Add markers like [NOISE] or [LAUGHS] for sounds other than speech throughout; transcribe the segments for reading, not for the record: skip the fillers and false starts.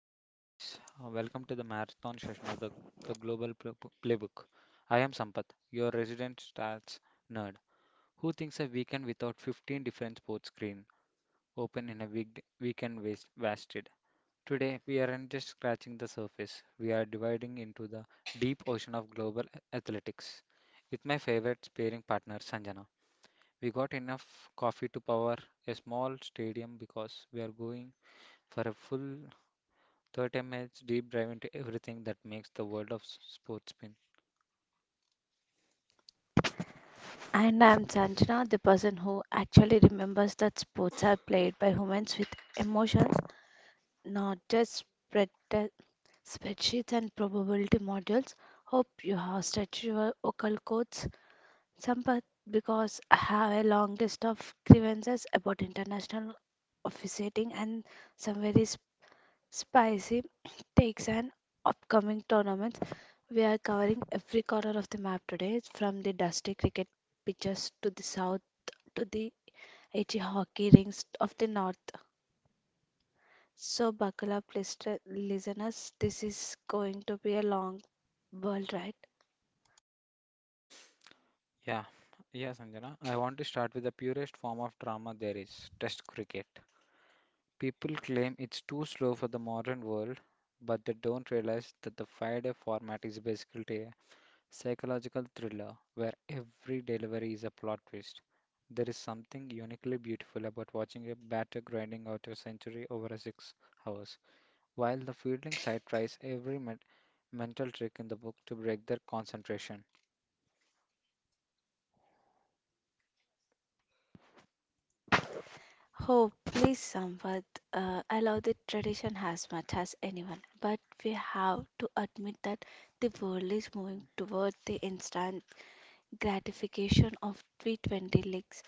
Hello, guys. Welcome to the marathon session of the Global Playbook. I am Sampath, your resident stats nerd, who thinks a weekend without 15 different sports screen open in a weekend wasted. Today, we aren't just scratching the surface, we are dividing into the deep ocean of global athletics. With my favorite sparring partner, Sanjana, we got enough coffee to power a small stadium because we are going for a full 30 minutes deep dive into everything that makes the world of sports spin. And I'm Sanjana, the person who actually remembers that sports are played by humans with emotions, not just spread spreadsheets and probability modules. Hope you have stretched your vocal cords, Sampath, because I have a long list of grievances about international officiating and some very Spicy [CLEARS THROAT] takes an upcoming tournament. We are covering every corner of the map today, from the dusty cricket pitches to the south to the itchy hockey rings of the north. So buckle up, listeners. This is going to be a long world ride. Yeah, yeah, Sanjana. I want to start with the purest form of drama there is, test cricket. People claim it's too slow for the modern world, but they don't realize that the five-day format is basically a psychological thriller where every delivery is a plot twist. There is something uniquely beautiful about watching a batter grinding out a century over a 6 hours, while the fielding side tries every mental trick in the book to break their concentration. Oh, please, Samvad. I love the tradition as much as anyone, but we have to admit that the world is moving toward the instant gratification of 320 legs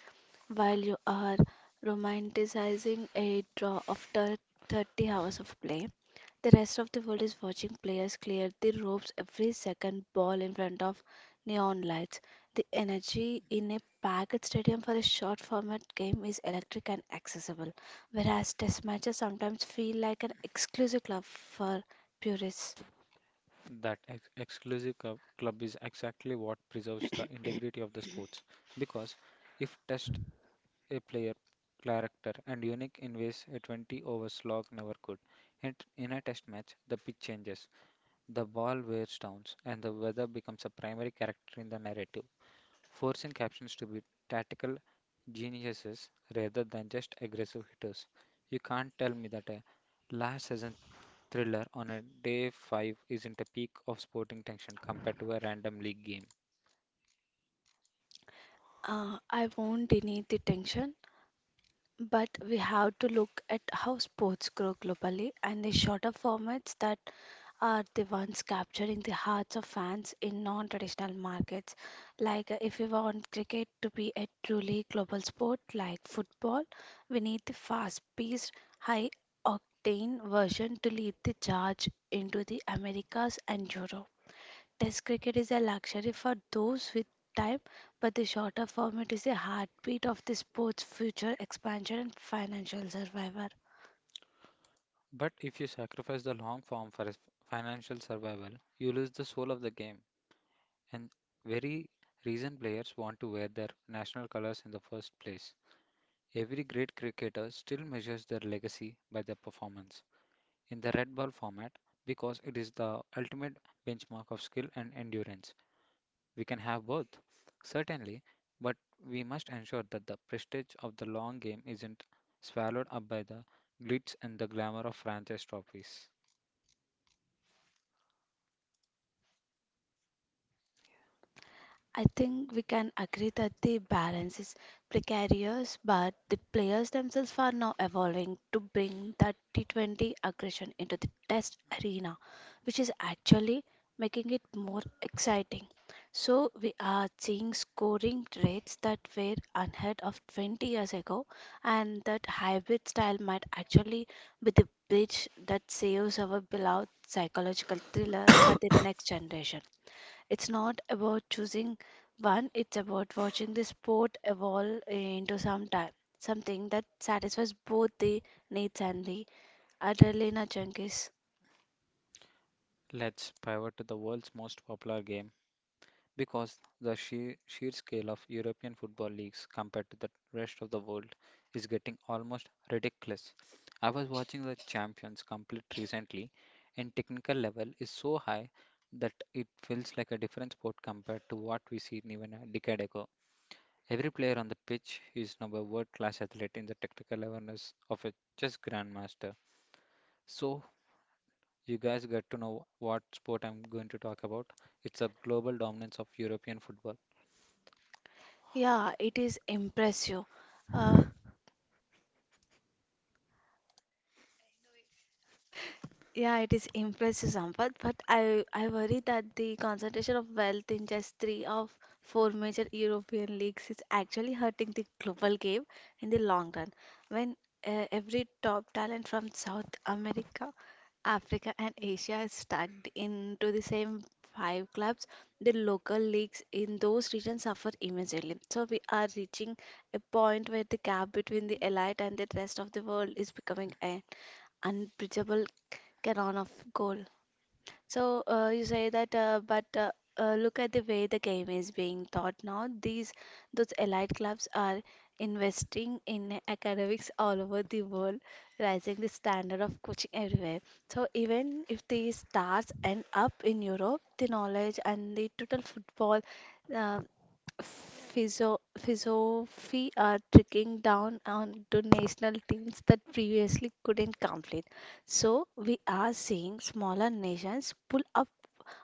while you are romanticizing a draw after 30 hours of play. The rest of the world is watching players clear the ropes every second ball in front of neon lights. The energy in a packed stadium for a short format game is electric and accessible, whereas test matches sometimes feel like an exclusive club for purists. That exclusive club is exactly what preserves the integrity of the sports. Because if test a player character and unique in ways a 20 over slog never could. And in a test match, the pitch changes, the ball wears down, and the weather becomes a primary character in the narrative, forcing captions to be tactical geniuses rather than just aggressive hitters. You can't tell me that a last season thriller on a day 5 isn't a peak of sporting tension compared to a random league game. I won't deny the tension. But we have to look at how sports grow globally and the shorter formats that are the ones capturing the hearts of fans in non traditional markets. Like, if we want cricket to be a truly global sport like football, we need the fast paced, high octane version to lead the charge into the Americas and Europe. Test cricket is a luxury for those with time, but the shorter format is a heartbeat of the sport's future expansion and financial survival. But if you sacrifice the long form for a financial survival, you lose the soul of the game. And very reason players want to wear their national colors in the first place. Every great cricketer still measures their legacy by their performance in the red ball format because it is the ultimate benchmark of skill and endurance. We can have both, certainly, but we must ensure that the prestige of the long game isn't swallowed up by the glitz and the glamour of franchise trophies. I think we can agree that the balance is precarious, but the players themselves are now evolving to bring that T20 aggression into the test arena, which is actually making it more exciting. So, we are seeing scoring rates that were unheard of 20 years ago, and that hybrid style might actually be the bridge that saves our beloved psychological thriller for the next generation. It's not about choosing one, it's about watching the sport evolve into some time, something that satisfies both the needs and the adrenaline junkies. Let's pivot to the world's most popular game, because the sheer scale of European football leagues compared to the rest of the world is getting almost ridiculous. I was watching the Champions complete recently, and technical level is so high that it feels like a different sport compared to what we see even a decade ago. Every player on the pitch is now a world class athlete in the technical awareness of a chess grandmaster. So, you guys get to know what sport I'm going to talk about. It's a global dominance of European football. Yeah, it is impressive. Uh, Yeah, it is impressive, Sampath, but I worry that the concentration of wealth in just three of four major European leagues is actually hurting the global game in the long run. When every top talent from South America, Africa, and Asia is stacked into the same five clubs, the local leagues in those regions suffer immensely. So we are reaching a point where the gap between the elite and the rest of the world is becoming unbridgeable canon of goal. So you say that, but look at the way the game is being taught now. These Those elite clubs are investing in academics all over the world, raising the standard of coaching everywhere. So even if the stars end up in Europe, the knowledge and the total football. Uh, Philosophy are trickling down onto national teams that previously couldn't complete. So we are seeing smaller nations pull up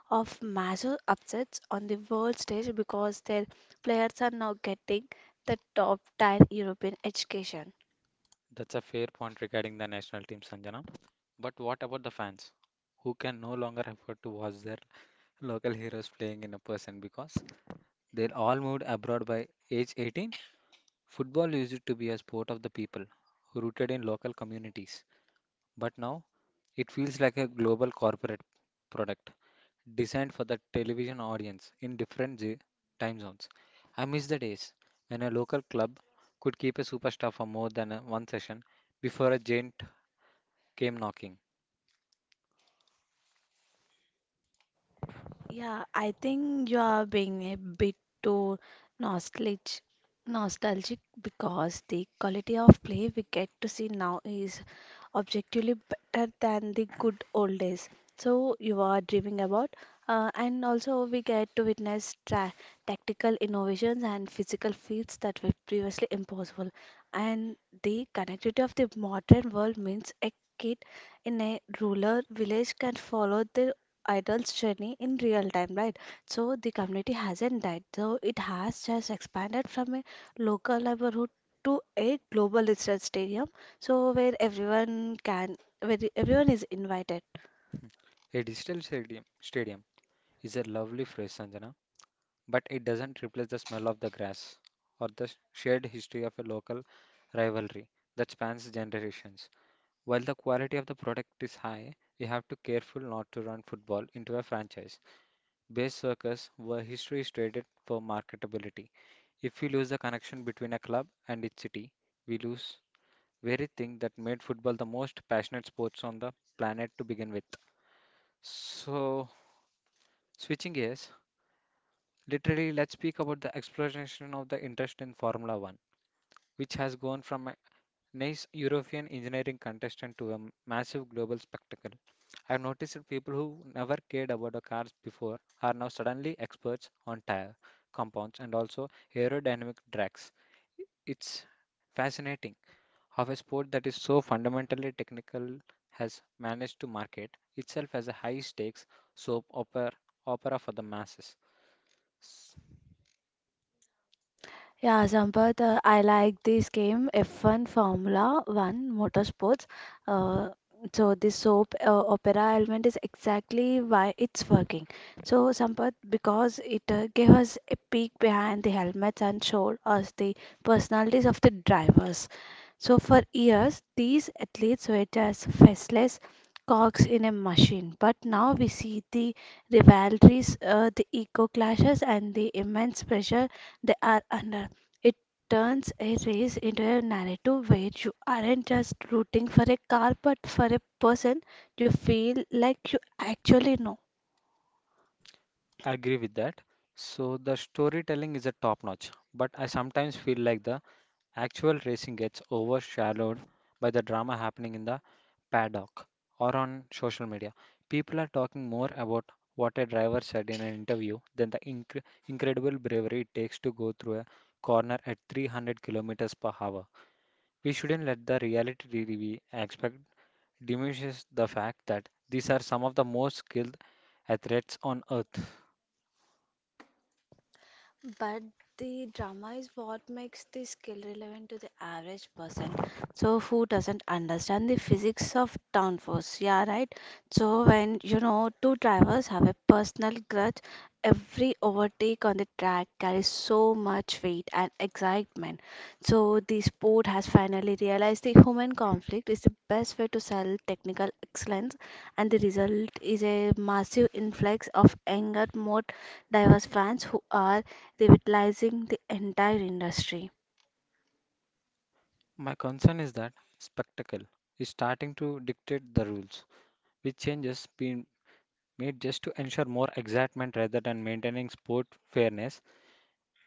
of massive upsets on the world stage because their players are now getting the top tier European education. That's a fair point regarding the national team, Sanjana. But what about the fans who can no longer afford to watch their local heroes playing in a person because they're all moved abroad by age 18? Football used to be a sport of the people who rooted in local communities. But now it feels like a global corporate product designed for the television audience in different time zones. I miss the days when a local club could keep a superstar for more than one session before a giant came knocking. Yeah, I think you are being a bit too nostalgic, nostalgic because the quality of play we get to see now is objectively better than the good old days. So you are dreaming about, and also we get to witness tra tactical innovations and physical feats that were previously impossible. And the connectivity of the modern world means a kid in a rural village can follow the idol's journey in real time, right? So the community hasn't died. So it has just expanded from a local neighborhood to a global research stadium, so where everyone is invited. A digital stadium is a lovely phrase, Sanjana, but it doesn't replace the smell of the grass or the shared history of a local rivalry that spans generations. While the quality of the product is high, we have to careful not to run football into a franchise-based circus where history is traded for marketability. If we lose the connection between a club and its city, we lose very thing that made football the most passionate sports on the planet to begin with. So, switching gears, literally, let's speak about the exploration of the interest in Formula One, which has gone from an nice European engineering contestant to a massive global spectacle. I've noticed that people who never cared about the cars before are now suddenly experts on tire compounds and also aerodynamic drags. It's fascinating how a sport that is so fundamentally technical has managed to market itself as a high stakes soap opera for the masses. S- Yeah, Sampath, I like this game F1 Formula 1 Motorsports. Uh, so this soap opera element is exactly why it's working. So Sampath, because it gave us a peek behind the helmets and showed us the personalities of the drivers. So for years, these athletes were just faceless cogs in a machine. But now we see the rivalries, the ego clashes, and the immense pressure they are under. It turns a race into a narrative where you aren't just rooting for a car but for a person you feel like you actually know. I agree with that. So the storytelling is a top notch, but I sometimes feel like the actual racing gets overshadowed by the drama happening in the paddock or on social media. People are talking more about what a driver said in an interview than the incredible bravery it takes to go through a corner at 300 kilometers per hour. We shouldn't let the reality TV aspect diminishes the fact that these are some of the most skilled athletes on earth. But the drama is what makes the skill relevant to the average person. So who doesn't understand the physics of downforce? Yeah, right. So when you know two drivers have a personal grudge, every overtake on the track carries so much weight and excitement. So the sport has finally realized the human conflict is the best way to sell technical excellence, and the result is a massive influx of anger, more diverse fans who are revitalizing the entire industry. My concern is that spectacle is starting to dictate the rules, which changes made just to ensure more excitement rather than maintaining sport fairness.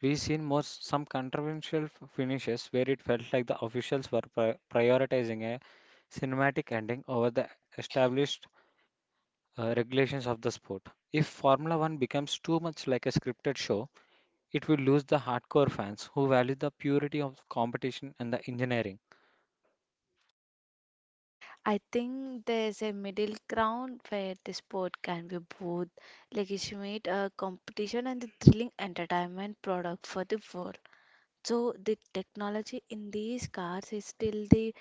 We've seen more some controversial finishes where it felt like the officials were prioritizing a cinematic ending over the established regulations of the sport. If Formula One becomes too much like a scripted show, it will lose the hardcore fans who value the purity of competition and the engineering. I think there's a middle ground where the sport can be both legitimate competition and the thrilling entertainment product for the world. So the technology in these cars is still the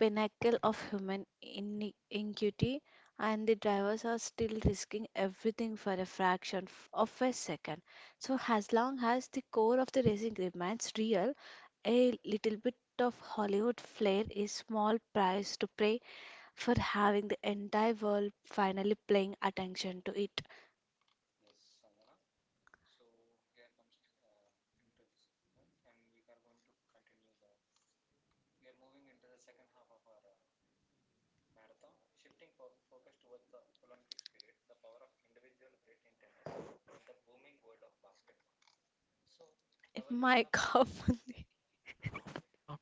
pinnacle of human iniquity, and the drivers are still risking everything for a fraction of a second. So as long as the core of the racing remains real, a little bit of Hollywood flair is small price to pay for having the entire world finally paying attention to it. My [LAUGHS] God. Fuck.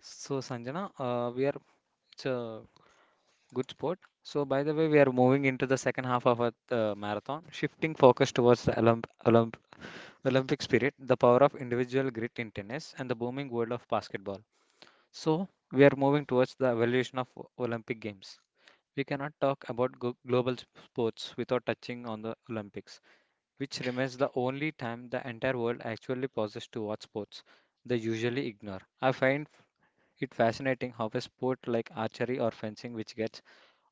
So Sanjana, we it's, uh, good sport. So, by the way, we are moving into the second half of our marathon, shifting focus towards the Olympic spirit, the power of individual grit in tennis, and the booming world of basketball. So, we are moving towards the evolution of Olympic Games. We cannot talk about global sports without touching on the Olympics, which remains the only time the entire world actually pauses to watch sports they usually ignore. I find it fascinating how a sport like archery or fencing, which gets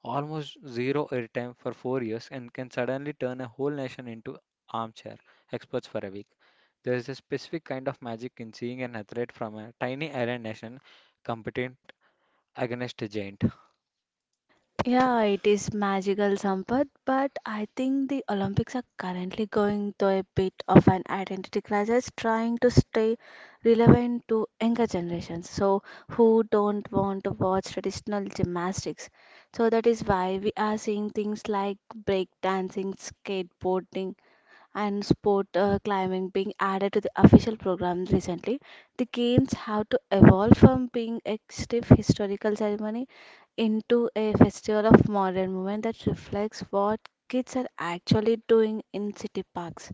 almost zero airtime for 4 years and can suddenly turn a whole nation into armchair experts for a week. There is a specific kind of magic in seeing an athlete from a tiny island nation competing against a giant. Yeah, it is magical, Sampath, but I think the Olympics are currently going through a bit of an identity crisis, trying to stay relevant to younger generations, so who don't want to watch traditional gymnastics. So that is why we are seeing things like breakdancing, skateboarding, and sport climbing being added to the official program recently. The games have to evolve from being a stiff historical ceremony into a festival of modern movement that reflects what kids are actually doing in city parks.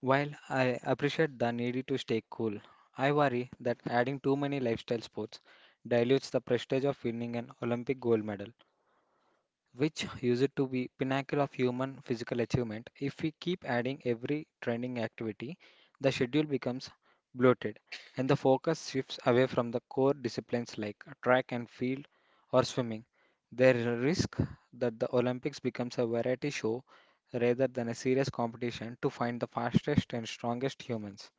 While I appreciate the need to stay cool, I worry that adding too many lifestyle sports dilutes the prestige of winning an Olympic gold medal, which [LAUGHS] used to be pinnacle of human physical achievement. If we keep adding every training activity, the schedule becomes bloated and the focus shifts away from the core disciplines like track and field or swimming. There is a risk that the Olympics becomes a variety show rather than a serious competition to find the fastest and strongest humans.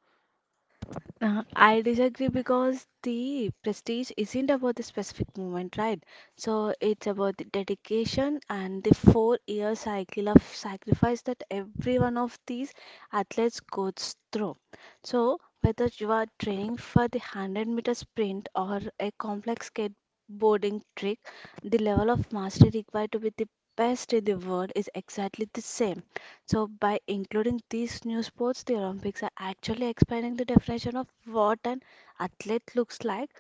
I disagree because the prestige isn't about the specific moment, right? So it's about the dedication and the four-year cycle of sacrifice that every one of these athletes goes through. So whether you are training for the 100-meter sprint or a complex skateboarding trick, the level of mastery required to be the best in the world is exactly the same. So by including these new sports, the Olympics are actually expanding the definition of what an athlete looks like,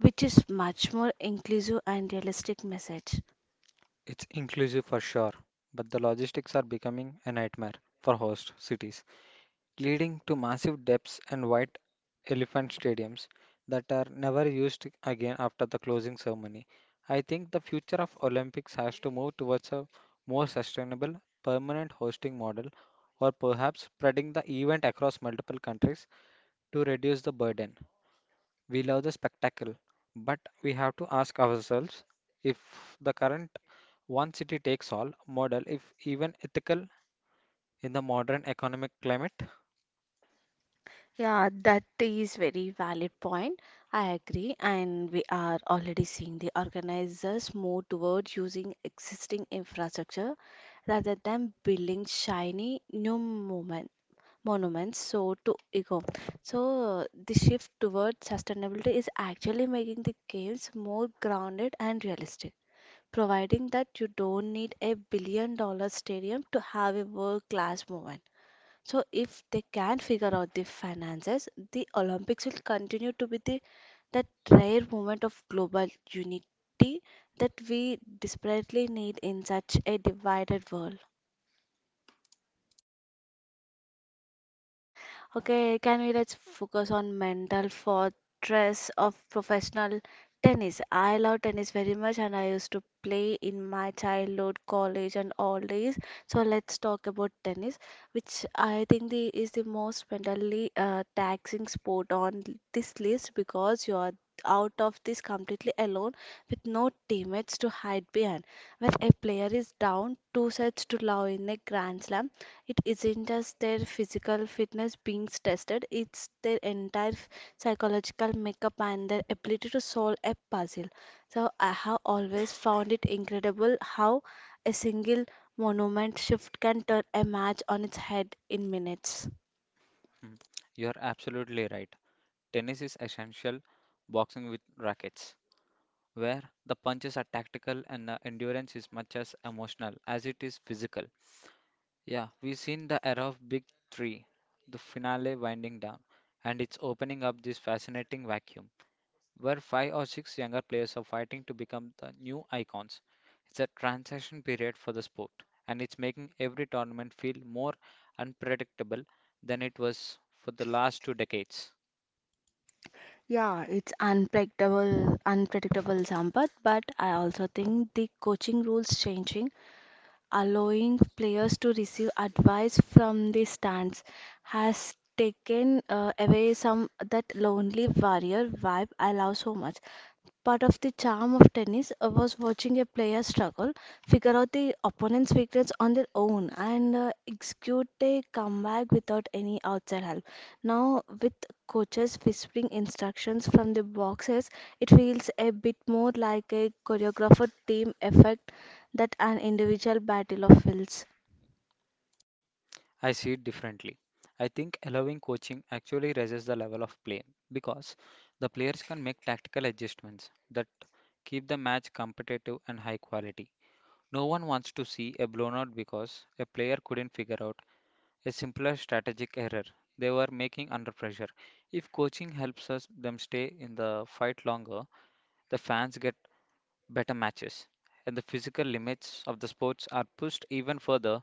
which is much more inclusive and realistic message. It's inclusive for sure, but the logistics are becoming a nightmare for host cities, leading to massive debts and white elephant stadiums that are never used again after the closing ceremony. I think the future of Olympics has to move towards a more sustainable, permanent hosting model or perhaps spreading the event across multiple countries to reduce the burden. We love the spectacle, but we have to ask ourselves if the current one city takes all model if even ethical in the modern economic climate. Yeah, that is very valid point. I agree, and we are already seeing the organizers move toward using existing infrastructure rather than building shiny new movements. Monuments so to eco so the shift towards sustainability is actually making the games more grounded and realistic, providing that you don't need a billion dollar stadium to have a world class movement. So if they can figure out the finances, the Olympics will continue to be the that rare moment of global unity that we desperately need in such a divided world. Okay, can we let's focus on mental fortress of professional tennis. I love tennis very much and I used to play in my childhood, college and all days. So let's talk about tennis, which I think the is the most mentally taxing sport on this list because you are out of this completely alone with no teammates to hide behind. When a player is down two sets to love in a grand slam, it isn't just their physical fitness being tested, it's their entire psychological makeup and their ability to solve a puzzle. So, I have always found it incredible how a single monument shift can turn a match on its head in minutes. Mm, you're absolutely right. Tennis is essential boxing with rackets, where the punches are tactical and the endurance is much as emotional as it is physical. Yeah, we've seen the era of Big Three, the finale winding down, and it's opening up this fascinating vacuum where five or six younger players are fighting to become the new icons. It's a transition period for the sport, and it's making every tournament feel more unpredictable than it was for the last two decades. Yeah, it's unpredictable, Sampath, but I also think the coaching rules changing allowing players to receive advice from the stands, has taken away some that lonely warrior vibe I love so much. Part of the charm of tennis was watching a player struggle, figure out the opponent's weakness on their own, and execute a comeback without any outside help. Now, with coaches whispering instructions from the boxes, it feels a bit more like a choreographed team effect than an individual battle of wills. I see it differently. I think allowing coaching actually raises the level of play because the players can make tactical adjustments that keep the match competitive and high quality. No one wants to see a blown out because a player couldn't figure out a simpler strategic error they were making under pressure. If coaching helps us them stay in the fight longer, the fans get better matches and the physical limits of the sports are pushed even further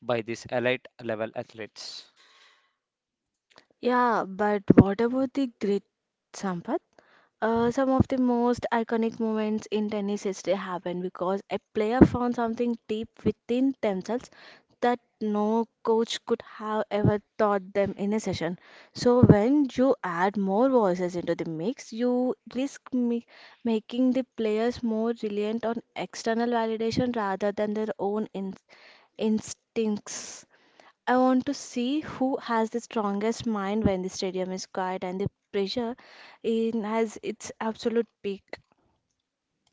by these elite level athletes. Yeah, but what about the grit, Sampath? Some of the most iconic moments in tennis history happen because a player found something deep within themselves that no coach could have ever taught them in a session. So, when you add more voices into the mix, you risk making the players more reliant on external validation rather than their own instincts. I want to see who has the strongest mind when the stadium is quiet and the pressure in has its absolute peak.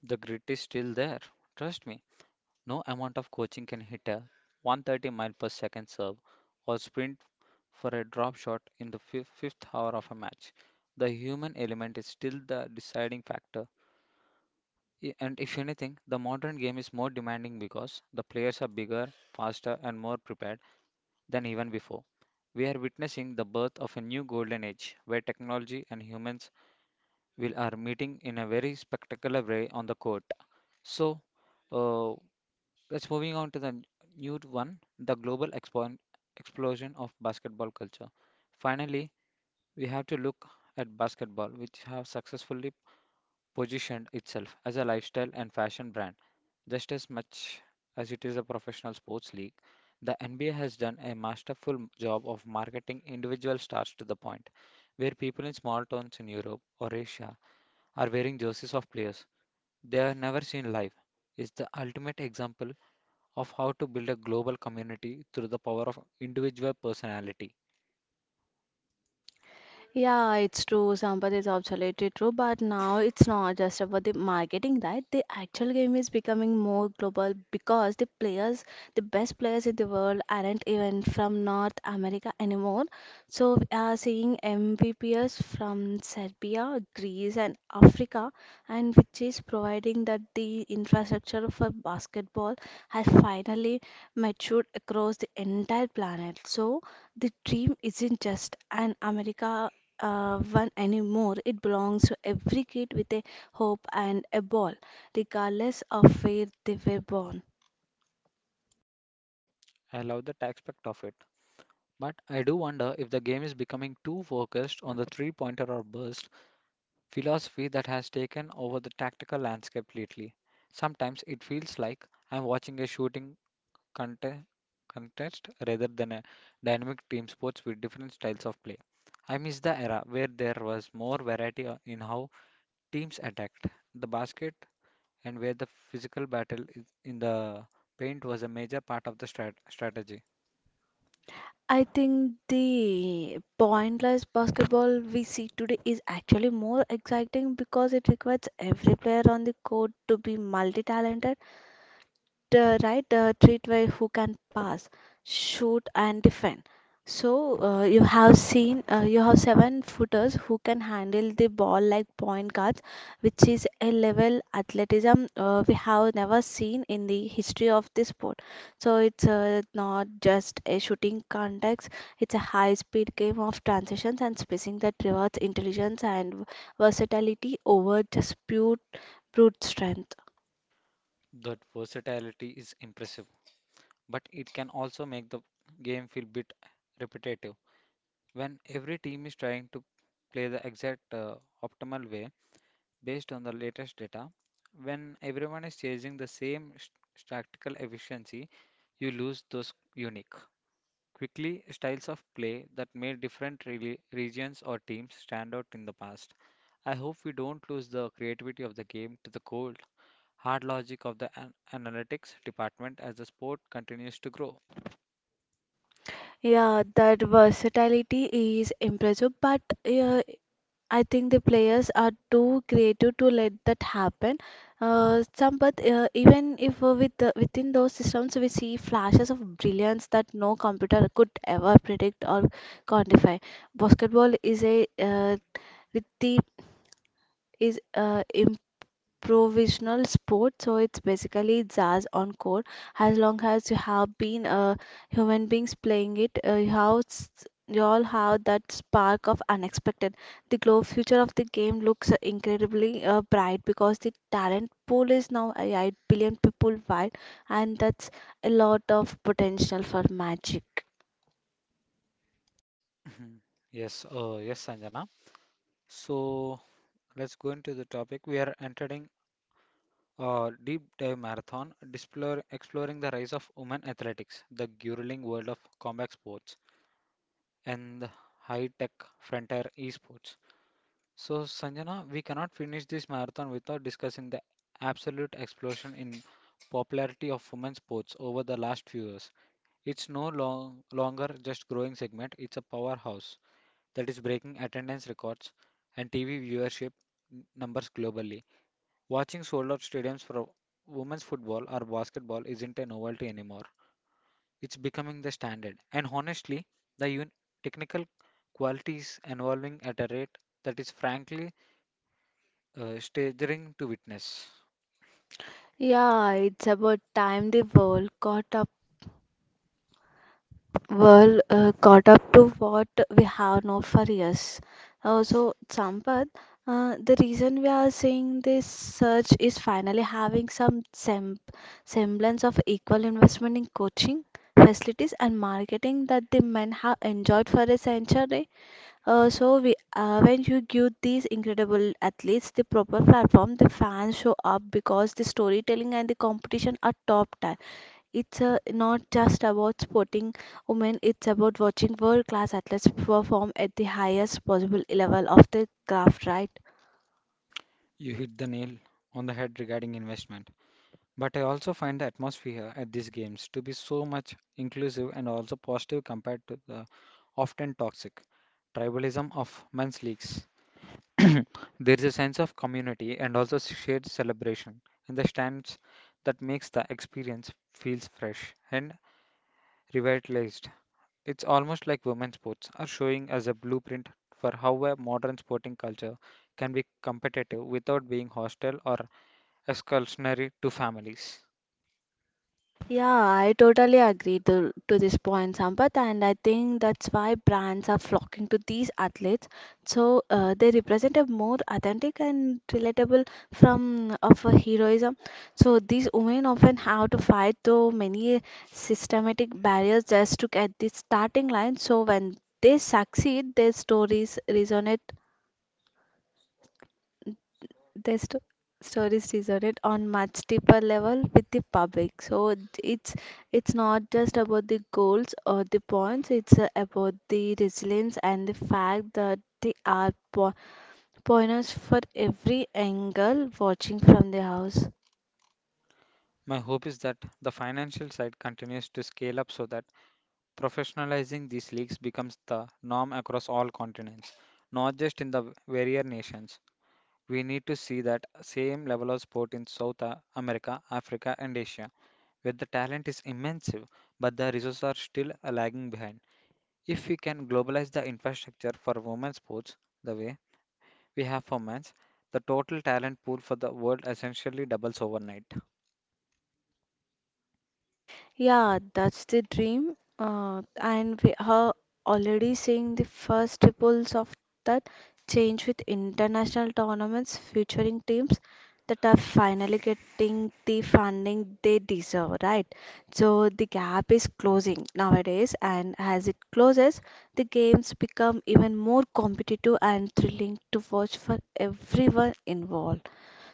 The grit is still there. Trust me, no amount of coaching can hit a 130 mile per second serve or sprint for a drop shot in the fifth hour of a match. The human element is still the deciding factor. And if anything, the modern game is more demanding because the players are bigger, faster, and more prepared than even before. We are witnessing the birth of a new golden age where technology and humans will are meeting in a very spectacular way on the court. So, uh, let's moving on to the new one, the global explosion of basketball culture. Finally, we have to look at basketball, which have successfully positioned itself as a lifestyle and fashion brand, just as much as it is a professional sports league. The NBA has done a masterful job of marketing individual stars to the point where people in small towns in Europe or Asia are wearing jerseys of players they are never seen live is the ultimate example of how to build a global community through the power of individual personality. Yeah, it's true. Sampath is absolutely true. But now it's not just about the marketing, right? The actual game is becoming more global because the players, the best players in the world, aren't even from North America anymore. So we are seeing MVPs from Serbia, Greece, and Africa, and which is providing that the infrastructure for basketball has finally matured across the entire planet. So the dream isn't just an America one anymore. It belongs to every kid with a hope and a ball, regardless of where they were born. I love that aspect of it. But I do wonder if the game is becoming too focused on the three pointer or burst philosophy that has taken over the tactical landscape lately. Sometimes it feels like I'm watching a shooting contest, contest rather than a dynamic team sports with different styles of play. I miss the era where there was more variety in how teams attacked the basket and where the physical battle is in the paint was a major part of the strategy. I think the pointless basketball we see today is actually more exciting because it requires every player on the court to be multi talented, right, treat by who can pass, shoot and defend. So you have seen, you have seven footers who can handle the ball like point guards, which is a level athleticism we have never seen in the history of the sport. So it's not just a shooting context, it's a high speed game of transitions and spacing that rewards intelligence and versatility over just pure brute strength. That versatility is impressive, but it can also make the game feel bit repetitive. When every team is trying to play the exact optimal way based on the latest data, when everyone is chasing the same tactical efficiency, you lose those unique Quickly, styles of play that made different regions or teams stand out in the past. I hope we don't lose the creativity of the game to the cold, hard logic of the analytics department as the sport continues to grow. [CLEARS THROAT] Yeah, that versatility is impressive, but I think the players are too creative to let that happen. Some, but even if with within those systems, we see flashes of brilliance that no computer could ever predict or quantify. Basketball is a with the is provisional sport, so it's basically jazz encore. As long as you have been, human beings playing it, you have you all have that spark of unexpected. The glow future of the game looks incredibly bright because the talent pool is now 8 billion people wide, and that's a lot of potential for magic. Mhm. Yes, yes, Sanjana. So let's go into the topic. We are entering a deep dive marathon, exploring the rise of women athletics, the grueling world of combat sports, and the high-tech frontier esports. So, Sanjana, we cannot finish this marathon without discussing the absolute explosion in popularity of women's sports over the last few years. It's no long, longer just growing segment, it's a powerhouse that is breaking attendance records and TV viewership numbers globally. Watching sold out stadiums for women's football or basketball isn't a novelty anymore. It's becoming the standard. And honestly, the technical qualities evolving at a rate that is frankly staggering to witness. Yeah, it's about time the world caught up. Well, caught up to what we have now for years. Also, Sampath, the reason we are seeing this surge is finally having some semblance of equal investment in coaching, facilities and marketing that the men have enjoyed for a century. So, when you give these incredible athletes the proper platform, the fans show up because the storytelling and the competition are top tier. It's not just about supporting women, it's about watching world class athletes perform at the highest possible level of the craft, right? You hit the nail on the head regarding investment. But I also find the atmosphere at these games to be so much inclusive and also positive compared to the often toxic tribalism of men's leagues. [CLEARS THROAT] There is a sense of community and also shared celebration in the stands that makes the experience feels fresh and revitalized. It's almost like women's sports are showing us a blueprint for how a modern sporting culture can be competitive without being hostile or exclusionary to families. Yeah, I totally agree to this point, Sampath, and I think that's why brands are flocking to these athletes. So they represent a more authentic and relatable from of a heroism. So these women often have to fight through many systematic barriers just to get the starting line. So when they succeed, their stories their sto- stories resonated on much deeper level with the public. So it's it's not just about the goals or the points, it's about the resilience and the fact that they are pointers for every angle watching from the house. My hope is that the financial side continues to scale up so that professionalizing these leagues becomes the norm across all continents, not just in the warrior nations. We need to see that same level of sport in South America, Africa, and Asia, where the talent is immense but the resources are still lagging behind. If we can globalize the infrastructure for women's sports the way we have for men's, the total talent pool for the world essentially doubles overnight. Yeah, that's the dream. And we are already seeing the first ripples of that change, with international tournaments featuring teams that are finally getting the funding they deserve, right? So the gap is closing nowadays, and as it closes, the games become even more competitive and thrilling to watch for everyone involved.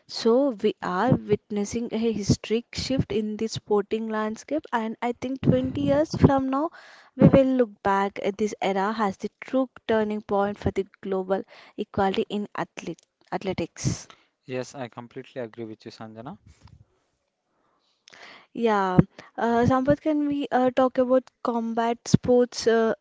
So we are witnessing a historic shift in the sporting landscape, and I think 20 years from now, we will look back at this era as the true turning point for the global equality in athletics. Yes, I completely agree with you, Sanjana. Yeah, Sampath, can we talk about combat sports?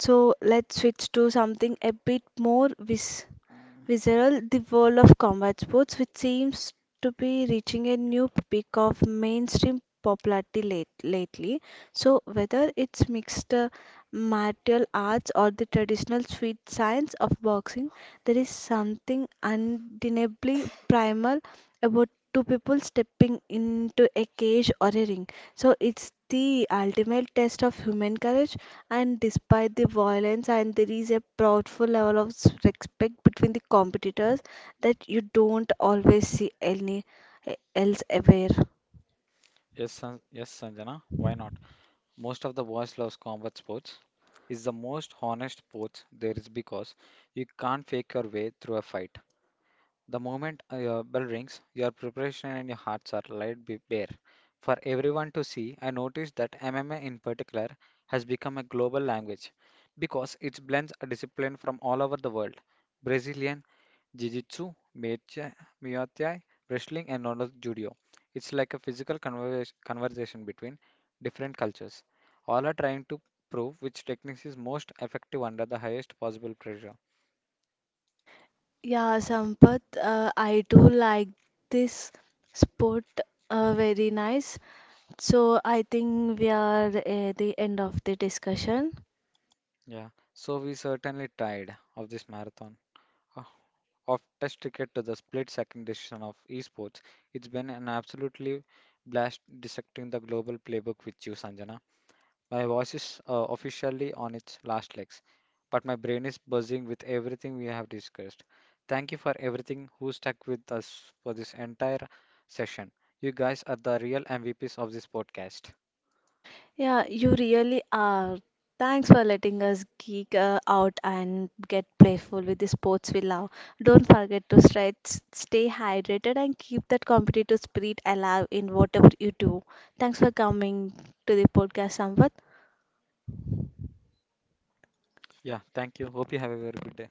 So let's switch to something a bit more Mm. visceral, the world of combat sports, which seems to be reaching a new peak of mainstream popularity, lately. So, whether it's mixed martial arts or the traditional sweet science of boxing, there is something undeniably primal about two people stepping into a cage or a ring. So, it's the ultimate test of human courage, and despite the violence, and there is a proudful level of respect between the competitors that you don't always see any eh, else aware. Yes, yes, Sanjana. Why not? Most of the boys love combat sports. Is the most honest sports there is because you can't fake your way through a fight. The moment your bell rings, your preparation and your hearts are laid bare for everyone to see. I noticed that MMA in particular has become a global language because it blends a discipline from all over the world. Brazilian Jiu-Jitsu, Muay Thai, wrestling and Nodo Judo. It's like a physical conversation between different cultures. All are trying to prove which technique is most effective under the highest possible pressure. Yeah, Sampath, I do like this sport, very nice. So I think we are at the end of the discussion. Yeah. So we certainly tired of this marathon. uh, of test cricket to the split second decision of esports. It's been an absolutely blast dissecting the global playbook with you, Sanjana. My voice is officially on its last legs, but my brain is buzzing with everything we have discussed. Thank you for everything who stuck with us for this entire session. You guys are the real MVPs of this podcast. Yeah, you really are. Thanks for letting us geek out and get playful with the sports we love. Don't forget to stretch, stay hydrated, and keep that competitive spirit alive in whatever you do. Thanks for coming to the podcast, Sampath. Yeah, thank you. Hope you have a very good day.